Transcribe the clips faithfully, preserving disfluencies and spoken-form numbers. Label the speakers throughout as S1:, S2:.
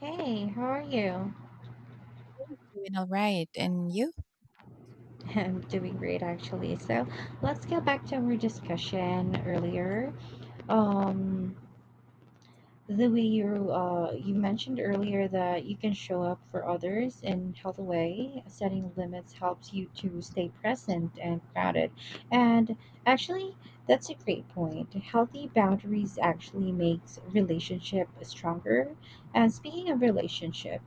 S1: Hey, how are you?
S2: Doing all right, and you?
S1: I'm doing great actually. So let's get back to our discussion earlier. Um, the way you uh you mentioned earlier that you can show up for others in healthy way, setting limits helps you to stay present and grounded. And actually, that's a great point. Healthy boundaries actually makes relationship stronger. And speaking of relationship.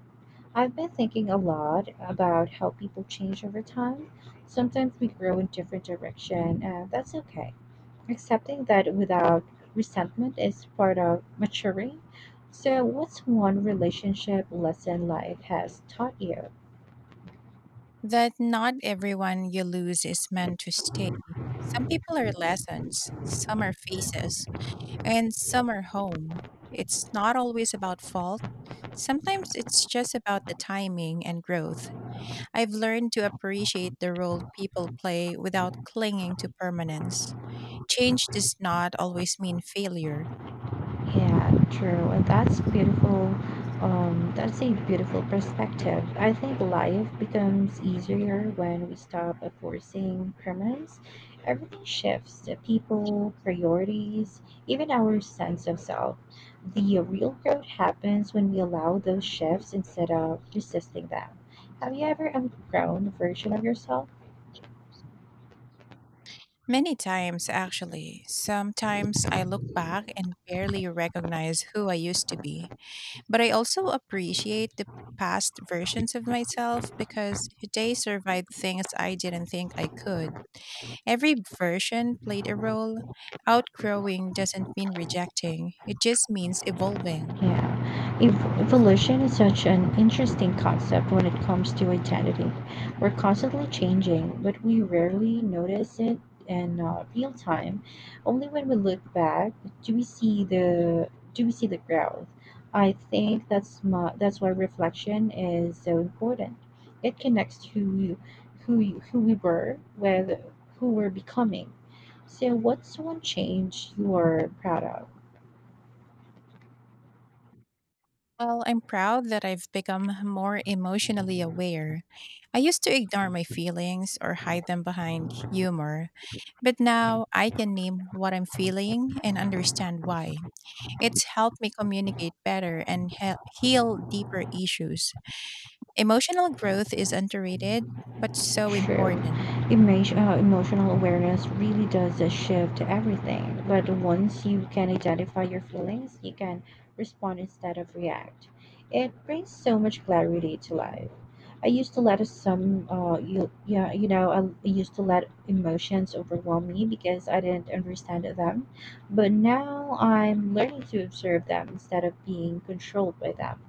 S1: I've been thinking a lot about how people change over time. Sometimes we grow in different direction, and that's okay. Accepting that without resentment is part of maturing. So, what's one relationship lesson life has taught you?
S2: That not everyone you lose is meant to stay. Some people are lessons, some are faces, and some are home. It's not always about fault. Sometimes it's just about the timing and growth. I've learned to appreciate the role people play without clinging to permanence. Change does not always mean failure.
S1: Yeah, true. And that's beautiful. Um, that's a beautiful perspective. I think life becomes easier when we stop enforcing permanence. Everything shifts the people, priorities, even our sense of self. The real growth happens when we allow those shifts instead of resisting them. Have you ever outgrown a version of yourself?
S2: Many times, actually. Sometimes I look back and barely recognize who I used to be. But I also appreciate the past versions of myself because they survived things I didn't think I could. Every version played a role. Outgrowing doesn't mean rejecting, it just means evolving.
S1: Yeah. Ev- evolution is such an interesting concept when it comes to identity. We're constantly changing, but we rarely notice it in uh, real time. Only when we look back do we see the do we see the growth. I think that's my, that's why reflection is so important. It connects who we, who you- who we were with who we're becoming. So, what's one change you are proud of?
S2: Well, I'm proud that I've become more emotionally aware. I used to ignore my feelings or hide them behind humor, but now I can name what I'm feeling and understand why. It's helped me communicate better and he- heal deeper issues. Emotional growth is underrated, but so
S1: True.
S2: important.
S1: Emotion, uh, emotional awareness really does a shift to everything. But once you can identify your feelings, you can respond instead of react. It brings so much clarity to life. I used to let some, uh, you, yeah, you know, I used to let emotions overwhelm me because I didn't understand them. But now I'm learning to observe them instead of being controlled by them.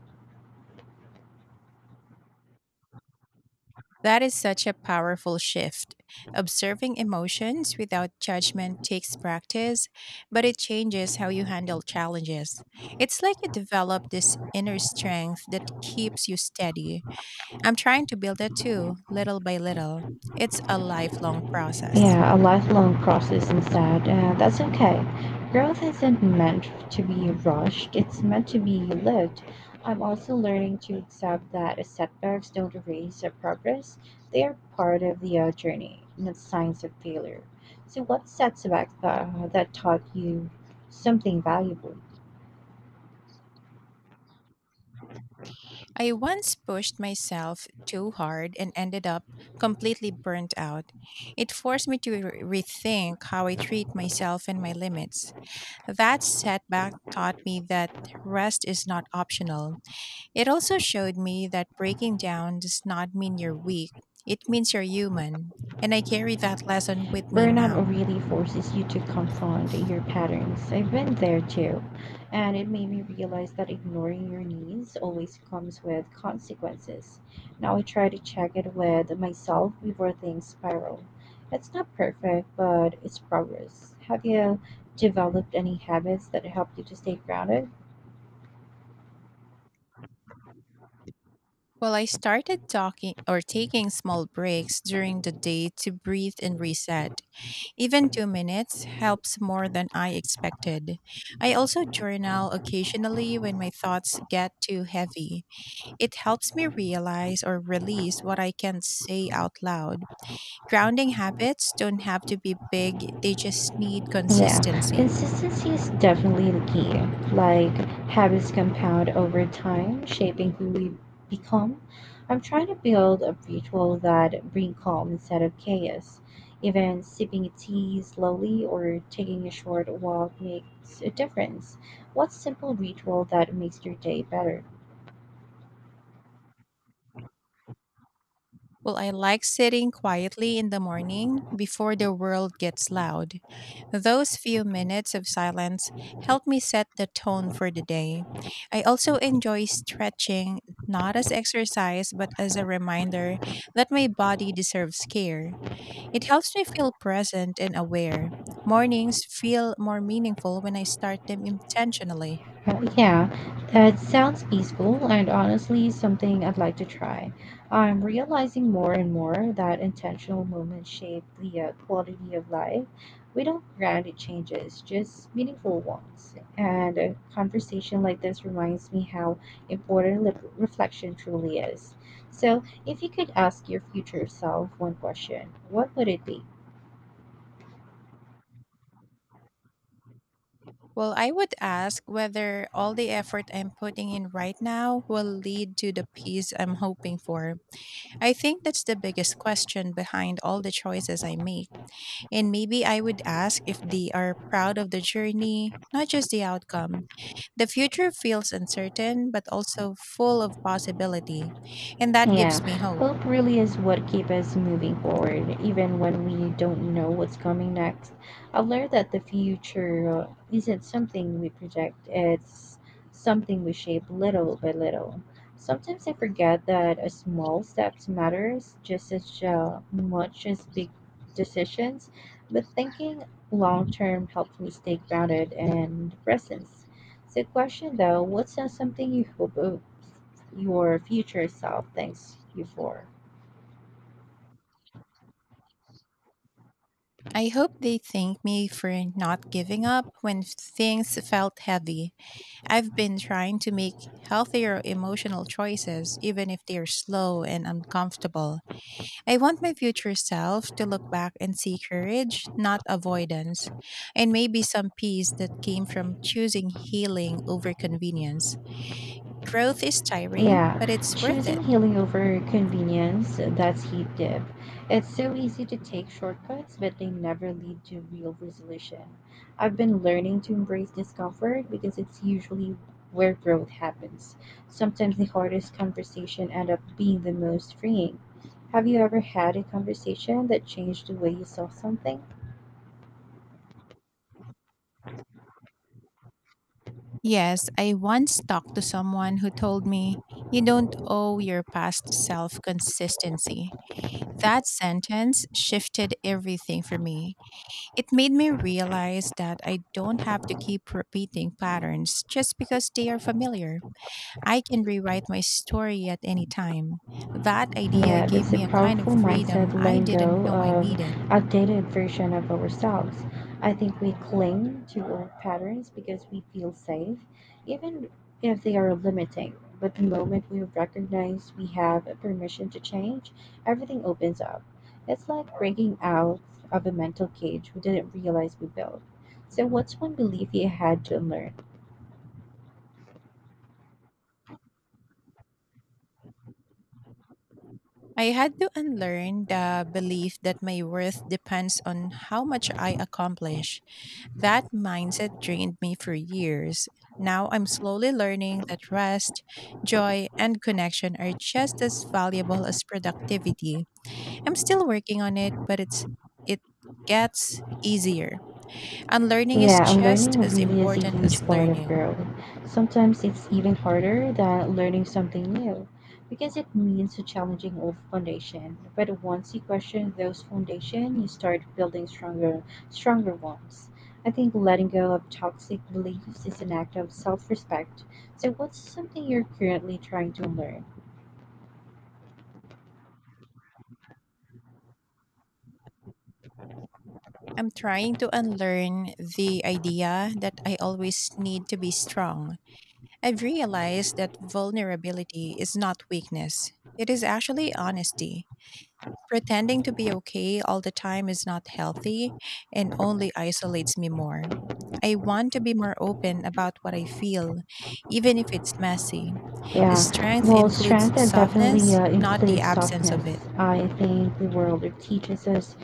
S2: That is such a powerful shift. Observing emotions without judgment takes practice, but it changes how you handle challenges. It's like you develop this inner strength that keeps you steady. I'm trying to build that too, little by little. It's a lifelong process.
S1: Yeah, a lifelong process instead. Uh, that's okay. Growth isn't meant to be rushed, it's meant to be lived. I'm also learning to accept that setbacks don't erase our progress, they are part of the uh, journey, not signs of failure. So, what setbacks that, that taught you something valuable?
S2: I once pushed myself too hard and ended up completely burnt out. It forced me to re- rethink how I treat myself and my limits. That setback taught me that rest is not optional. It also showed me that breaking down does not mean you're weak, it means you're human. And I carry that lesson with me
S1: Burnout
S2: now.
S1: really forces you to confront your patterns. I've been there too, and it made me realize that ignoring your needs always comes with consequences. Now I try to check it with myself before things spiral. It's not perfect, but it's progress. Have you developed any habits that help you to stay grounded?
S2: Well, I started talking or taking small breaks during the day to breathe and reset. Even two minutes helps more than I expected. I also journal occasionally when my thoughts get too heavy. It helps me realize or release what I can't say out loud. Grounding habits don't have to be big, they just need
S1: Yeah,
S2: consistency.
S1: consistency is definitely the key. Like, habits compound over time, shaping who we become. I'm trying to build a ritual that bring calm instead of chaos. Even sipping tea slowly or taking a short walk makes a difference. What simple ritual that makes your day better?
S2: Well, I like sitting quietly in the morning before the world gets loud. Those few minutes of silence help me set the tone for the day. I also enjoy stretching, not as exercise, but as a reminder that my body deserves care. It helps me feel present and aware. Mornings feel more meaningful when I start them intentionally.
S1: Uh, yeah, that sounds peaceful and honestly something I'd like to try. I'm realizing more and more that intentional moments shape the uh, quality of life. We don't grant it changes, just meaningful ones. And a conversation like this reminds me how important lip- reflection truly is. So, if you could ask your future self one question, what would it be?
S2: Well, I would ask whether all the effort I'm putting in right now will lead to the peace I'm hoping for. I think that's the biggest question behind all the choices I make. And maybe I would ask if they are proud of the journey, not just the outcome. The future feels uncertain, but also full of possibility. And that
S1: Yeah,
S2: gives me hope.
S1: hope really is what keeps us moving forward, even when we don't know what's coming next. I've learned that the future uh, isn't something we project, it's something we shape little by little. Sometimes I forget that a small steps matters just as uh, much as big decisions, but thinking long term helps me stay grounded and present. So, question though, what's uh, something you hope uh, your future self thanks you for.
S2: I hope they thank me for not giving up when things felt heavy. I've been trying to make healthier emotional choices, even if they're slow and uncomfortable. I want my future self to look back and see courage, not avoidance, and maybe some peace that came from choosing healing over convenience. Growth is tiring,
S1: Yeah,
S2: but it's worth
S1: choosing
S2: it.
S1: healing over convenience, that's heat dip. It's so easy to take shortcuts, but they never lead to real resolution. I've been learning to embrace discomfort because it's usually where growth happens. Sometimes the hardest conversation end up being the most freeing. Have you ever had a conversation that changed the way you saw something?
S2: Yes, I once talked to someone who told me, "You don't owe your past self consistency." That sentence shifted everything for me. It made me realize that I don't have to keep repeating patterns just because they are familiar. I can rewrite my story at any time. That idea
S1: Yeah,
S2: gave
S1: that's a
S2: me a kind of
S1: powerful
S2: freedom
S1: mindset,
S2: I
S1: letting
S2: didn't
S1: go
S2: know I
S1: of
S2: needed.
S1: outdated version of ourselves. I think we cling to old patterns because we feel safe, even if they are limiting. But the moment we recognize we have permission to change, everything opens up. It's like breaking out of a mental cage we didn't realize we built. So, what's one belief you had to unlearn?
S2: I had to unlearn the belief that my worth depends on how much I accomplish. That mindset drained me for years. Now I'm slowly learning that rest, joy, and connection are just as valuable as productivity. I'm still working on it, but it's it gets easier. Unlearning is
S1: Yeah, and
S2: just
S1: learning
S2: as
S1: really is a
S2: important
S1: huge
S2: as
S1: part of
S2: learning.
S1: growth. Sometimes it's even harder than learning something new because it means challenging old foundation. But once you question those foundation, you start building stronger, stronger ones. I think letting go of toxic beliefs is an act of self-respect. So, what's something you're currently trying to learn?
S2: I'm trying to unlearn the idea that I always need to be strong. I've realized that vulnerability is not weakness. It is actually honesty. Pretending to be okay all the time is not healthy and only isolates me more. I want to be more open about what I feel, even if it's messy.
S1: Yeah,
S2: Strength
S1: well,
S2: includes
S1: strength uh, definitely
S2: softness,
S1: uh,
S2: not the
S1: includes
S2: absence
S1: softness.
S2: of it.
S1: I think the world teaches us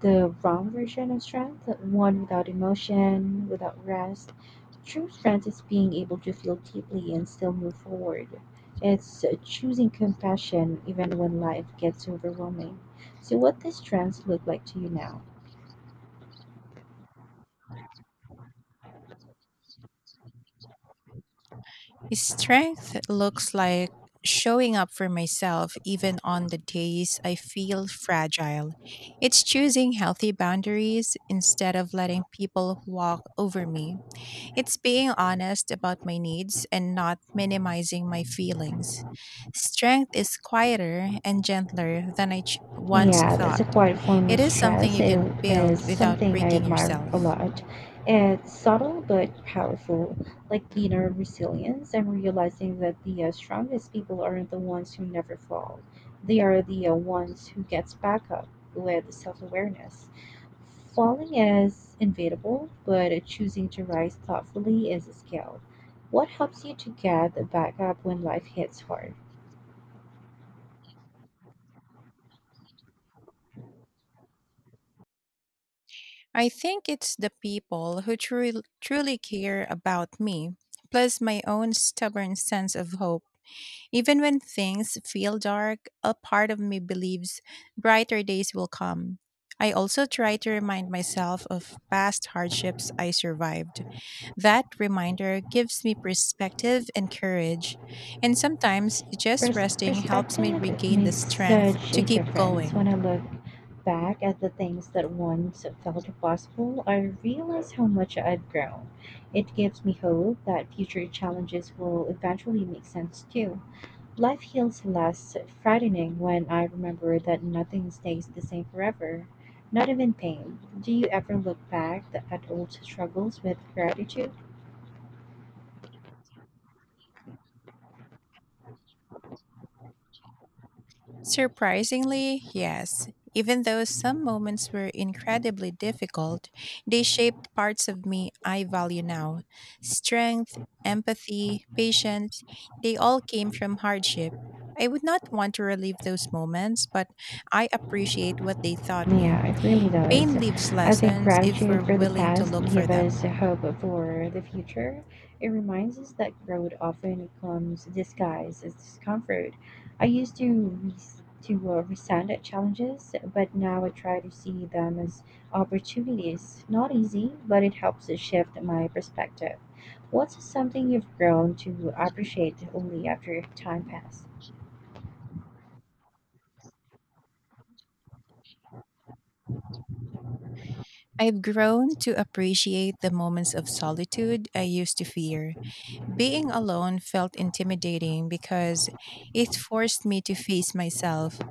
S1: the wrong version of strength, one without emotion, without rest. True strength is being able to feel deeply and still move forward. It's choosing compassion even when life gets overwhelming. So, what does strength look like to you now?
S2: Strength looks like showing up for myself even on the days I feel fragile. It's choosing healthy boundaries instead of letting people walk over me. It's being honest about my needs and not minimizing my feelings. Strength is quieter and gentler than I ch- once
S1: Yeah, that's a
S2: thought.
S1: quiet form of
S2: It is something
S1: stress.
S2: you
S1: It
S2: can
S1: is
S2: build without
S1: something I
S2: breaking
S1: admire a
S2: yourself.
S1: lot. It's subtle but powerful, like inner resilience and realizing that the uh, strongest people aren't the ones who never fall. They are the uh, ones who gets back up with self-awareness. Falling is inevitable, but choosing to rise thoughtfully is a skill. What helps you to get back up when life hits hard?
S2: I think it's the people who truly, truly care about me, plus my own stubborn sense of hope. Even when things feel dark, a part of me believes brighter days will come. I also try to remind myself of past hardships I survived. That reminder gives me perspective and courage, and sometimes just
S1: Pers-
S2: resting helps me
S1: perspective
S2: regain the
S1: makes
S2: strength
S1: such
S2: to
S1: a
S2: keep
S1: difference. When
S2: going.
S1: I look back at the things that once felt impossible, I realize how much I've grown. It gives me hope that future challenges will eventually make sense too. Life feels less frightening when I remember that nothing stays the same forever, not even pain. Do you ever look back at old struggles with gratitude?
S2: Surprisingly, yes. Even though some moments were incredibly difficult, they shaped parts of me I value now. Strength, empathy, patience, they all came from hardship. I would not want to relive those moments, but I appreciate what they taught me.
S1: Yeah, it really does.
S2: Pain leaves
S1: I think
S2: lessons if
S1: gratitude
S2: we're
S1: for the
S2: willing to
S1: past
S2: look for
S1: gives us
S2: them.
S1: hope for the future. It reminds us that growth often comes disguised as discomfort. I used to res- to uh, resent at challenges, but now I try to see them as opportunities. Not easy, but it helps to shift my perspective. What's something you've grown to appreciate only after time passed?
S2: I've grown to appreciate the moments of solitude I used to fear. Being alone felt intimidating because it forced me to face myself.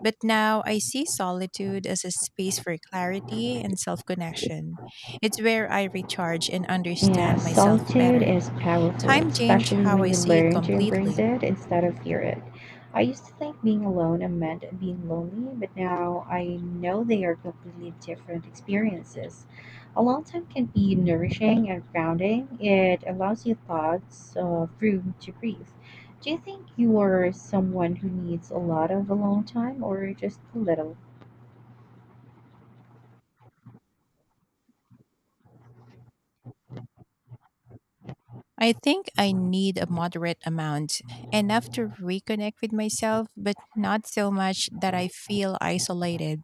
S2: But now I see solitude as a space for clarity and self connection. It's where I recharge and
S1: Yeah,
S2: understand myself
S1: solitude
S2: better.
S1: is powerful,
S2: Time changed
S1: especially
S2: how
S1: when
S2: I
S1: you
S2: see it
S1: learn to embrace
S2: completely.
S1: it instead of fear it. I used to think being alone meant being lonely, but now I know they are completely different experiences. Alone time can be nourishing and grounding. It allows your thoughts uh, room to breathe. Do you think you are someone who needs a lot of alone time or just a little?
S2: I think I need a moderate amount, enough to reconnect with myself, but not so much that I feel isolated.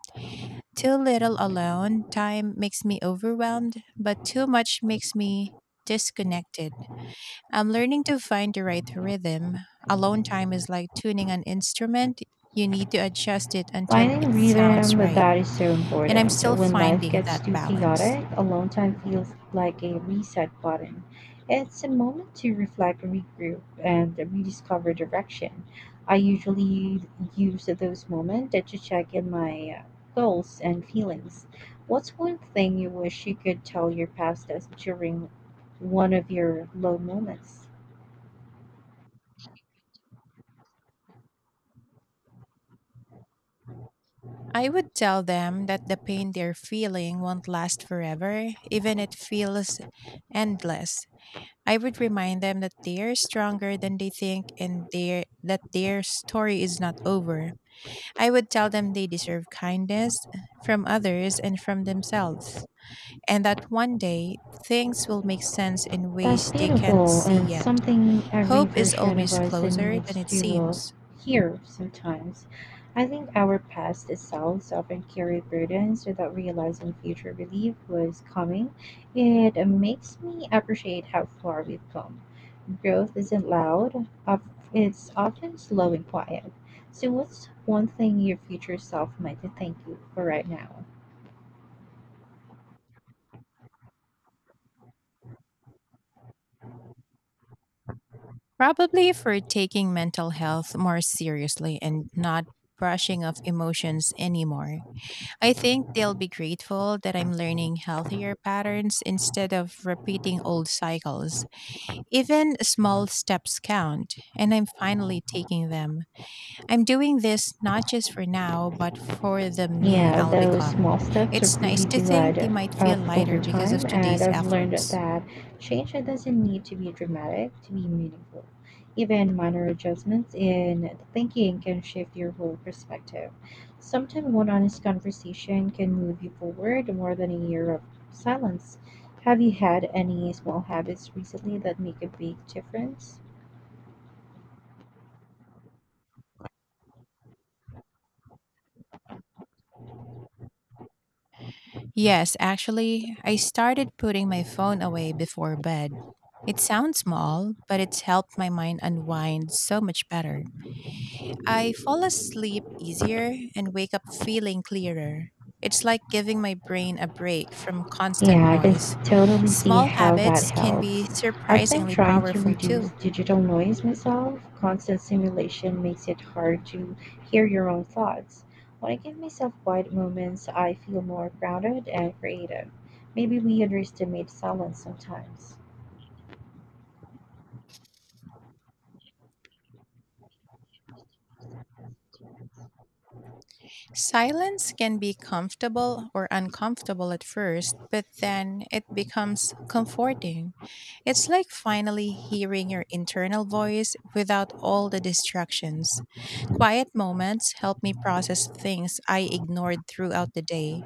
S2: Too little alone time makes me overwhelmed, but too much makes me disconnected. I'm learning to find the right rhythm. Alone time is like tuning an instrument. You need to adjust it until
S1: Finding
S2: it sounds
S1: rhythm
S2: right.
S1: that is so
S2: And I'm
S1: important.
S2: still
S1: When life
S2: finding
S1: gets
S2: that
S1: too
S2: balance.
S1: chaotic, alone time feels like a reset button. It's a moment to reflect, regroup, and rediscover direction. I usually use those moments to check in my uh, goals and feelings. What's one thing you wish you could tell your past us during one of your low moments?
S2: I would tell them that the pain they're feeling won't last forever, even it feels endless. I would remind them that they're stronger than they think, and their that their story is not over. I would tell them they deserve kindness from others and from themselves, and that one day things will make sense in
S1: That's
S2: ways they can't
S1: beautiful,
S2: see
S1: and
S2: yet.
S1: something every
S2: Hope is
S1: version of
S2: always
S1: us
S2: closer than
S1: needs
S2: it
S1: to uh,
S2: seems.
S1: hear sometimes. I think our past selves often carry burdens without realizing future relief was coming. It uh, makes me appreciate how far we've come. Growth isn't loud, of- it's often slow and quiet. So, what's one thing your future self might thank you for right now?
S2: Probably for taking mental health more seriously and not brushing off emotions anymore. I think they'll be grateful that I'm learning healthier patterns instead of repeating old cycles. Even small steps count, and I'm finally taking them. I'm doing this not just for now, but for the me
S1: Yeah,
S2: I'll
S1: those
S2: become.
S1: small steps
S2: It's nice
S1: really
S2: to
S1: do
S2: think
S1: add
S2: they might feel
S1: up over
S2: lighter because of
S1: time, and
S2: today's
S1: I've learned
S2: efforts.
S1: that change doesn't need to be dramatic to be meaningful. Even minor adjustments in the thinking can shift your whole perspective. Sometimes one honest conversation can move you forward more than a year of silence. Have you had any small habits recently that make a big difference?
S2: Yes, actually, I started putting my phone away before bed. It sounds small, but it's helped my mind unwind so much better. I fall asleep easier and wake up feeling clearer. It's like giving my brain a break from constant
S1: Yeah, I can s-
S2: noise.
S1: totally see
S2: Small
S1: how that
S2: habits can
S1: helps.
S2: be
S1: I've been
S2: surprisingly
S1: trying to
S2: powerful
S1: reduce
S2: too.
S1: digital noise myself. Constant stimulation makes it hard to hear your own thoughts. When I give myself quiet moments, I feel more grounded and creative. Maybe we underestimate silence sometimes.
S2: Silence can be comfortable or uncomfortable at first, but then it becomes comforting. It's like finally hearing your internal voice without all the distractions. Quiet moments help me process things I ignored throughout the day.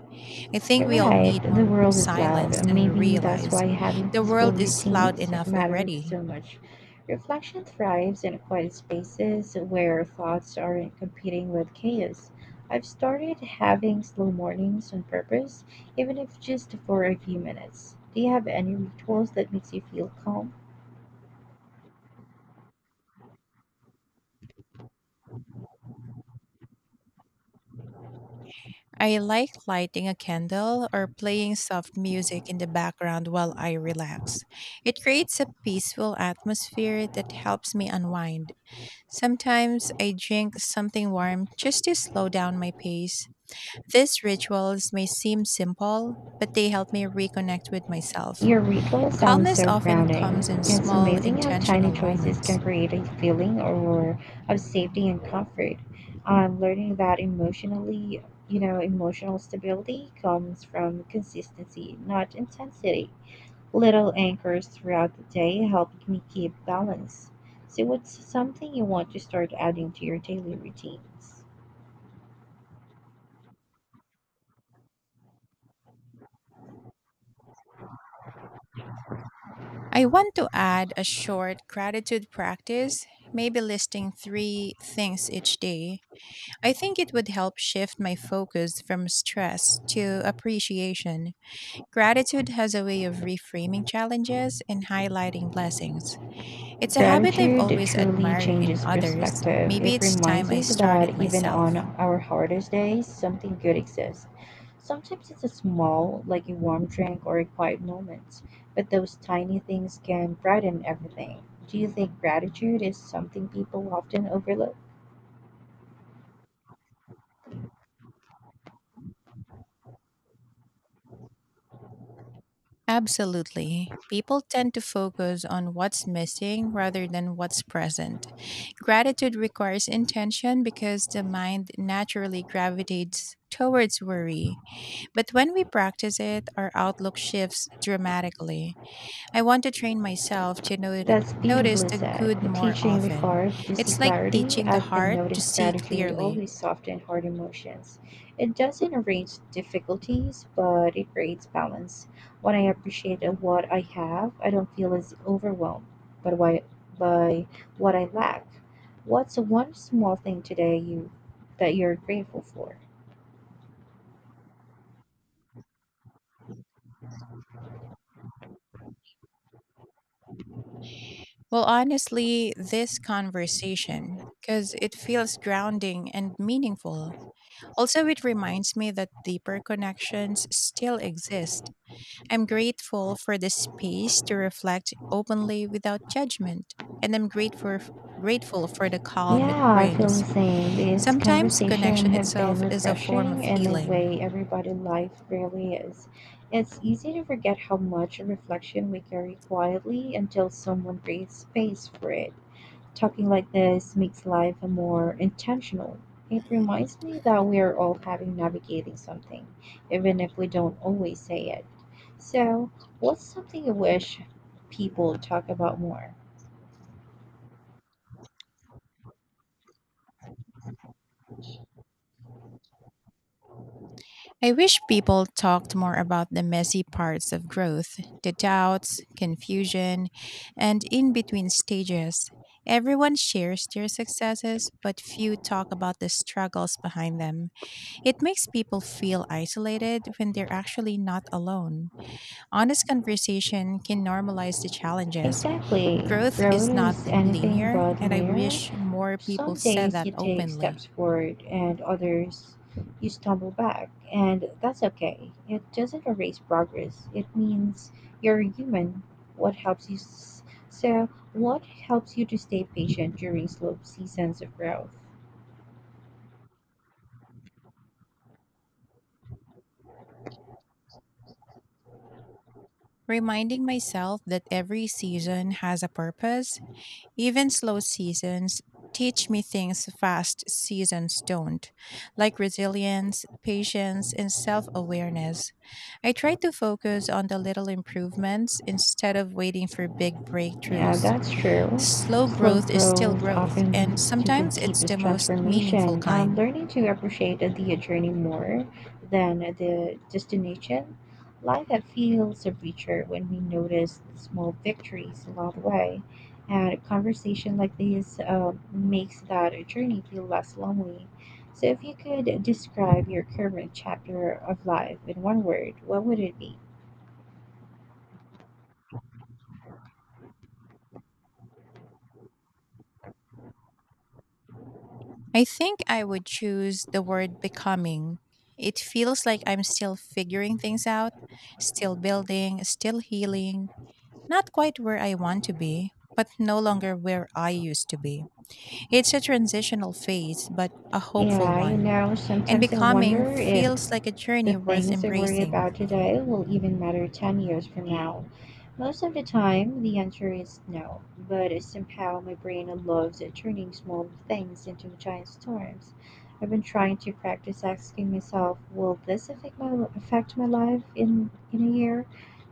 S2: I think
S1: You're
S2: we all
S1: right,
S2: need
S1: the
S2: more
S1: world is loud,
S2: silence
S1: and
S2: than we
S1: maybe that's
S2: realize.
S1: why having
S2: The
S1: peaceful
S2: world is loud
S1: routines
S2: enough
S1: mattered
S2: already.
S1: so much. Reflection thrives in quiet spaces where thoughts aren't competing with chaos. I've started having slow mornings on purpose, even if just for a few minutes. Do you have any rituals that makes you feel calm?
S2: I like lighting a candle or playing soft music in the background while I relax. It creates a peaceful atmosphere that helps me unwind. Sometimes I drink something warm just to slow down my pace. These rituals may seem simple, but they help me reconnect with myself.
S1: Your ritual sounds
S2: Calmness
S1: so
S2: often
S1: grounding.
S2: comes in
S1: It's
S2: small,
S1: amazing how tiny
S2: intentional
S1: choices can
S2: moments.
S1: create a feeling or of safety and comfort. I'm learning that emotionally, you know, emotional stability comes from consistency, not intensity. Little anchors throughout the day helped me keep balance. So what's something you want to start adding to your daily routines?
S2: I want to add a short gratitude practice, maybe listing three things each day. I think it would help shift my focus from stress to appreciation. Gratitude has a way of reframing challenges and highlighting blessings. It's a habit I've
S1: Gratitude
S2: always
S1: truly
S2: admired in
S1: changes
S2: others.
S1: perspective.
S2: Maybe
S1: It
S2: it's time
S1: reminds
S2: I
S1: us
S2: started
S1: that even
S2: myself.
S1: on our hardest days, something good exists. Sometimes it's a small, like a warm drink or a quiet moment, but those tiny things can brighten everything. Do you think gratitude is something people often overlook?
S2: Absolutely. People tend to focus on what's missing rather than what's present. Gratitude requires intention because the mind naturally gravitates towards worry. But when we practice it, our outlook shifts dramatically. I want to train myself to noti-
S1: That's
S2: notice
S1: beautifully
S2: the
S1: said.
S2: good more
S1: Teaching the
S2: often.
S1: heart to see
S2: It's like
S1: clarity,
S2: teaching the
S1: I've been
S2: heart to
S1: noticed
S2: see
S1: gratitude
S2: clearly.
S1: always softens hard emotions. It doesn't erase difficulties, but it creates balance. When I appreciate what I have, I don't feel as overwhelmed but why, by what I lack. What's one small thing today you that you're grateful for?
S2: Well, honestly, this conversation, because it feels grounding and meaningful. Also, it reminds me that deeper connections still exist. I'm grateful for the space to reflect openly without judgment, and I'm grateful, grateful for the calm it
S1: Yeah, I feel the
S2: brings.
S1: same. This
S2: Sometimes
S1: conversation
S2: connection
S1: have been
S2: itself is a form of
S1: refreshing in a
S2: healing.
S1: way everybody life really is. It's easy to forget how much reflection we carry quietly until someone creates space for it. Talking like this makes life more intentional. It reminds me that we are all having navigating something, even if we don't always say it. So, what's something you wish people talk about more?
S2: I wish people talked more about the messy parts of growth, the doubts, confusion, and in between stages. Everyone shares their successes, but few talk about the struggles behind them. It makes people feel isolated when they're actually not alone. Honest conversation can normalize the challenges.
S1: Exactly.
S2: Growth
S1: Road
S2: is not
S1: is anything
S2: linear,
S1: but
S2: and I
S1: linear.
S2: wish more people
S1: Some
S2: said
S1: days
S2: that
S1: you take
S2: openly.
S1: steps forward and others you stumble back, and that's okay. It doesn't erase progress. It means you're human. What helps you s- so what helps you to stay patient during slow seasons of growth?
S2: Reminding myself that every season has a purpose, even slow seasons teach me things fast seasons don't, like resilience, patience, and self awareness. I try to focus on the little improvements instead of waiting for big
S1: Yeah,
S2: breakthroughs.
S1: that's true.
S2: Slow
S1: Slow
S2: growth is still
S1: growth
S2: growth,
S1: often
S2: and
S1: leads to the
S2: sometimes it's
S1: deepest
S2: the most meaningful
S1: transformation. I'm
S2: kind.
S1: learning to appreciate the journey more than the destination. Life that feels richer when we notice the small victories along the way. And a conversation like this uh, makes that journey feel less lonely. So, if you could describe your current chapter of life in one word, what would it be?
S2: I think I would choose the word becoming. It feels like I'm still figuring things out, still building, still healing, not quite where I want to be, but no longer where I used to be. It's a transitional phase, but a hopeful
S1: Yeah, you
S2: one.
S1: know,
S2: And
S1: sometimes I
S2: becoming
S1: wonder if
S2: feels like a
S1: the
S2: journey worth
S1: things I worry
S2: embracing.
S1: about today will even matter ten years from now. Most of the time, the answer is no, but somehow my brain loves turning small things into giant storms. I've been trying to practice asking myself, will this affect my, affect my life in, in a year?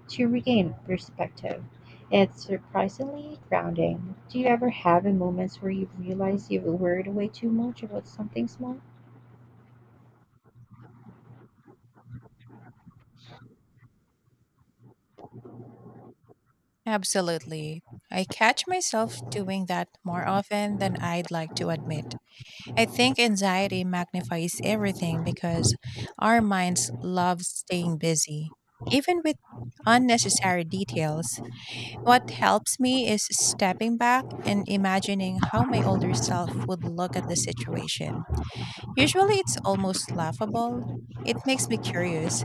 S1: To regain perspective. It's surprisingly grounding. Do you ever have a moments where you realize you've worried way too much about something small?
S2: Absolutely. I catch myself doing that more often than I'd like to admit. I think anxiety magnifies everything because our minds love staying busy, even with unnecessary details. What helps me is stepping back and imagining how my older self would look at the situation. Usually it's almost laughable. It makes me curious.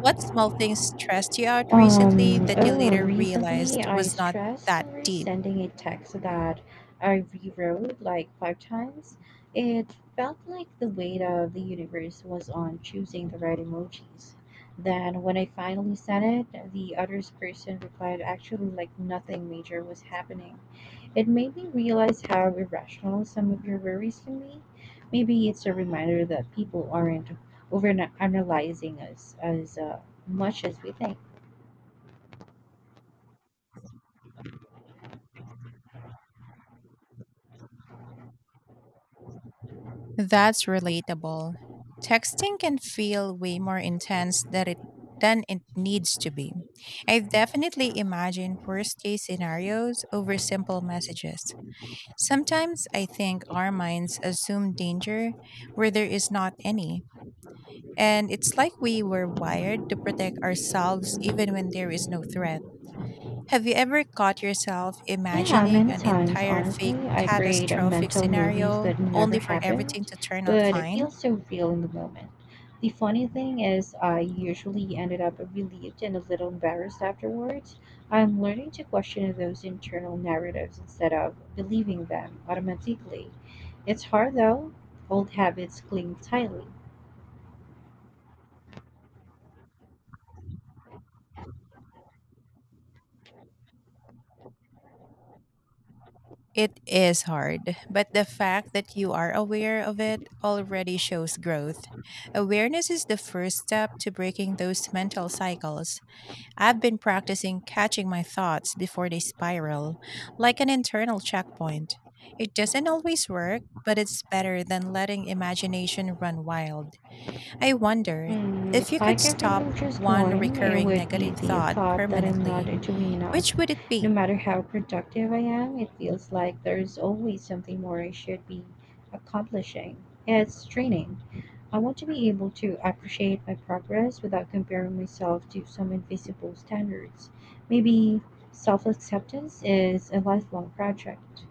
S2: What small things stressed you out recently
S1: Um,
S2: that you
S1: oh,
S2: later
S1: recently
S2: realized
S1: I
S2: was not
S1: stressed
S2: that
S1: over
S2: deep?
S1: sending a text that I rewrote like five times. It felt like the weight of the universe was on choosing the right emojis. Then, when I finally sent it, the other person replied actually like nothing major was happening. It made me realize how irrational some of your worries can be. Maybe it's a reminder that people aren't over analyzing us as uh, much as we think.
S2: That's relatable. Texting can feel way more intense than it than it needs to be. I've definitely imagined worst case scenarios over simple messages. Sometimes I think our minds assume danger where there is not any. And it's like we were wired to protect ourselves even when there is no threat. Have you ever caught yourself
S1: Yeah,
S2: imagining
S1: many
S2: an
S1: times,
S2: entire fake
S1: honestly, I create a
S2: catastrophic
S1: mental movies
S2: scenario
S1: that never
S2: only for everything
S1: happened,
S2: to turn out
S1: but it
S2: fine?
S1: feels so real in the moment. The funny thing is, I usually ended up relieved and a little embarrassed afterwards. I'm learning to question those internal narratives instead of believing them automatically. It's hard though, old habits cling tightly.
S2: It is hard, but the fact that you are aware of it already shows growth. Awareness is the first step to breaking those mental cycles. I've been practicing catching my thoughts before they spiral, like an internal checkpoint. It doesn't always work, but it's better than letting imagination run wild. I wonder
S1: Mm,
S2: if you
S1: if I
S2: could
S1: could
S2: stop
S1: remove just
S2: one
S1: one, it
S2: recurring
S1: would be
S2: negative
S1: the
S2: thought
S1: thought that I'm not
S2: permanently,
S1: doing enough.
S2: which would it
S1: No
S2: be?
S1: matter how productive I am, it feels like there's always something more I should be accomplishing. It's draining. I want to be able to appreciate my progress without comparing myself to some invisible standards. Maybe self acceptance is a lifelong project.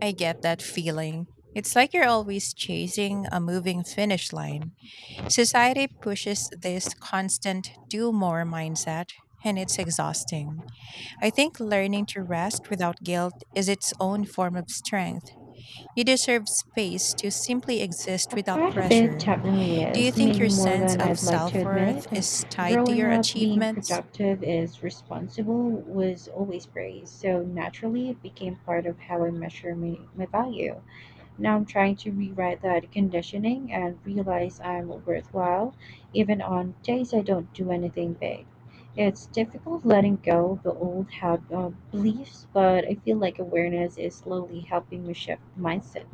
S2: I get that feeling. It's like you're always chasing a moving finish line. Society pushes this constant do more mindset, and it's exhausting. I think learning to rest without guilt is its own form of strength. You deserve space to simply exist
S1: A
S2: without
S1: part of it
S2: pressure.
S1: definitely
S2: Do you
S1: is,
S2: think
S1: maybe
S2: your
S1: more
S2: sense
S1: than
S2: of
S1: I'd like
S2: self
S1: to admit.
S2: worth is tied to
S1: Growing
S2: your
S1: up, being
S2: achievements?
S1: productive is responsible was always praised, so naturally it became part of how I measure my, my value. Now I'm trying to rewrite that conditioning and realize I'm worthwhile, even on days I don't do anything big. It's difficult letting go of the old how, uh, beliefs, but I feel like awareness is slowly helping me shift mindset.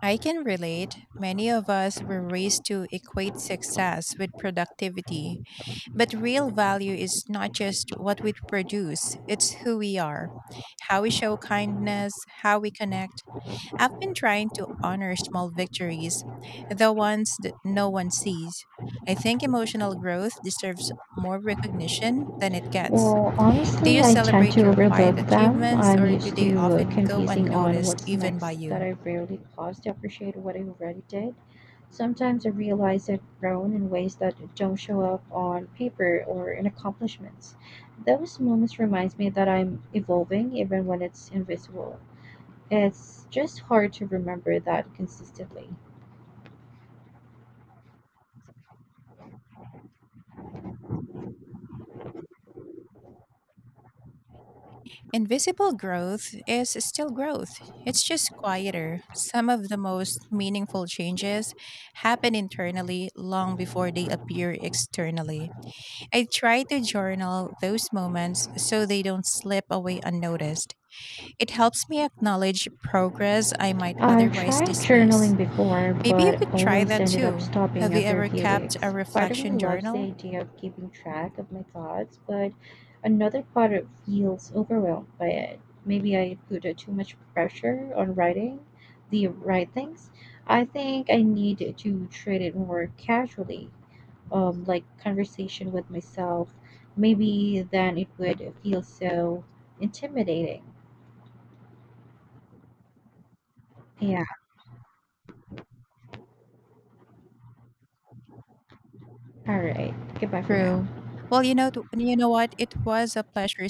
S2: I can relate. Many of us were raised to equate success with productivity. But real value is not just what we produce, it's who we are, how we show kindness, how we connect. I've been trying to honor small victories, the ones that no one sees. I think emotional growth deserves more recognition than it gets.
S1: Well,
S2: Do
S1: honestly,
S2: you
S1: I tend to
S2: celebrate your quiet
S1: overlook them.
S2: achievements
S1: I'm
S2: or do
S1: used
S2: they
S1: to uh,
S2: often go
S1: confusing on
S2: unnoticed
S1: what's
S2: even by
S1: next that
S2: you?
S1: I rarely pause to appreciate what I already did. Sometimes I realize I've grown in ways that don't show up on paper or in accomplishments. Those moments reminds me that I'm evolving even when it's invisible. It's just hard to remember that consistently.
S2: Invisible growth is still growth. It's just quieter. Some of the most meaningful changes happen internally long before they appear externally. I try to journal those moments so they don't slip away unnoticed. It helps me acknowledge progress I might
S1: I've
S2: otherwise
S1: tried journaling
S2: dismiss.
S1: before,
S2: Maybe you
S1: but
S2: could try
S1: always
S2: that
S1: ended up
S2: too.
S1: stopping
S2: Have you
S1: after a
S2: ever
S1: few
S2: kept a
S1: weeks. Part of me
S2: reflection
S1: loves the
S2: journal?
S1: idea of keeping track of my thoughts, but another part of feels overwhelmed by it. Maybe I put uh, too much pressure on writing the right things. I think I need to treat it more casually, um, like conversation with myself. Maybe then it would feel so intimidating. Yeah, all right. Goodbye for
S2: True.
S1: now.
S2: Well, you know, th- you know what? It was a pleasure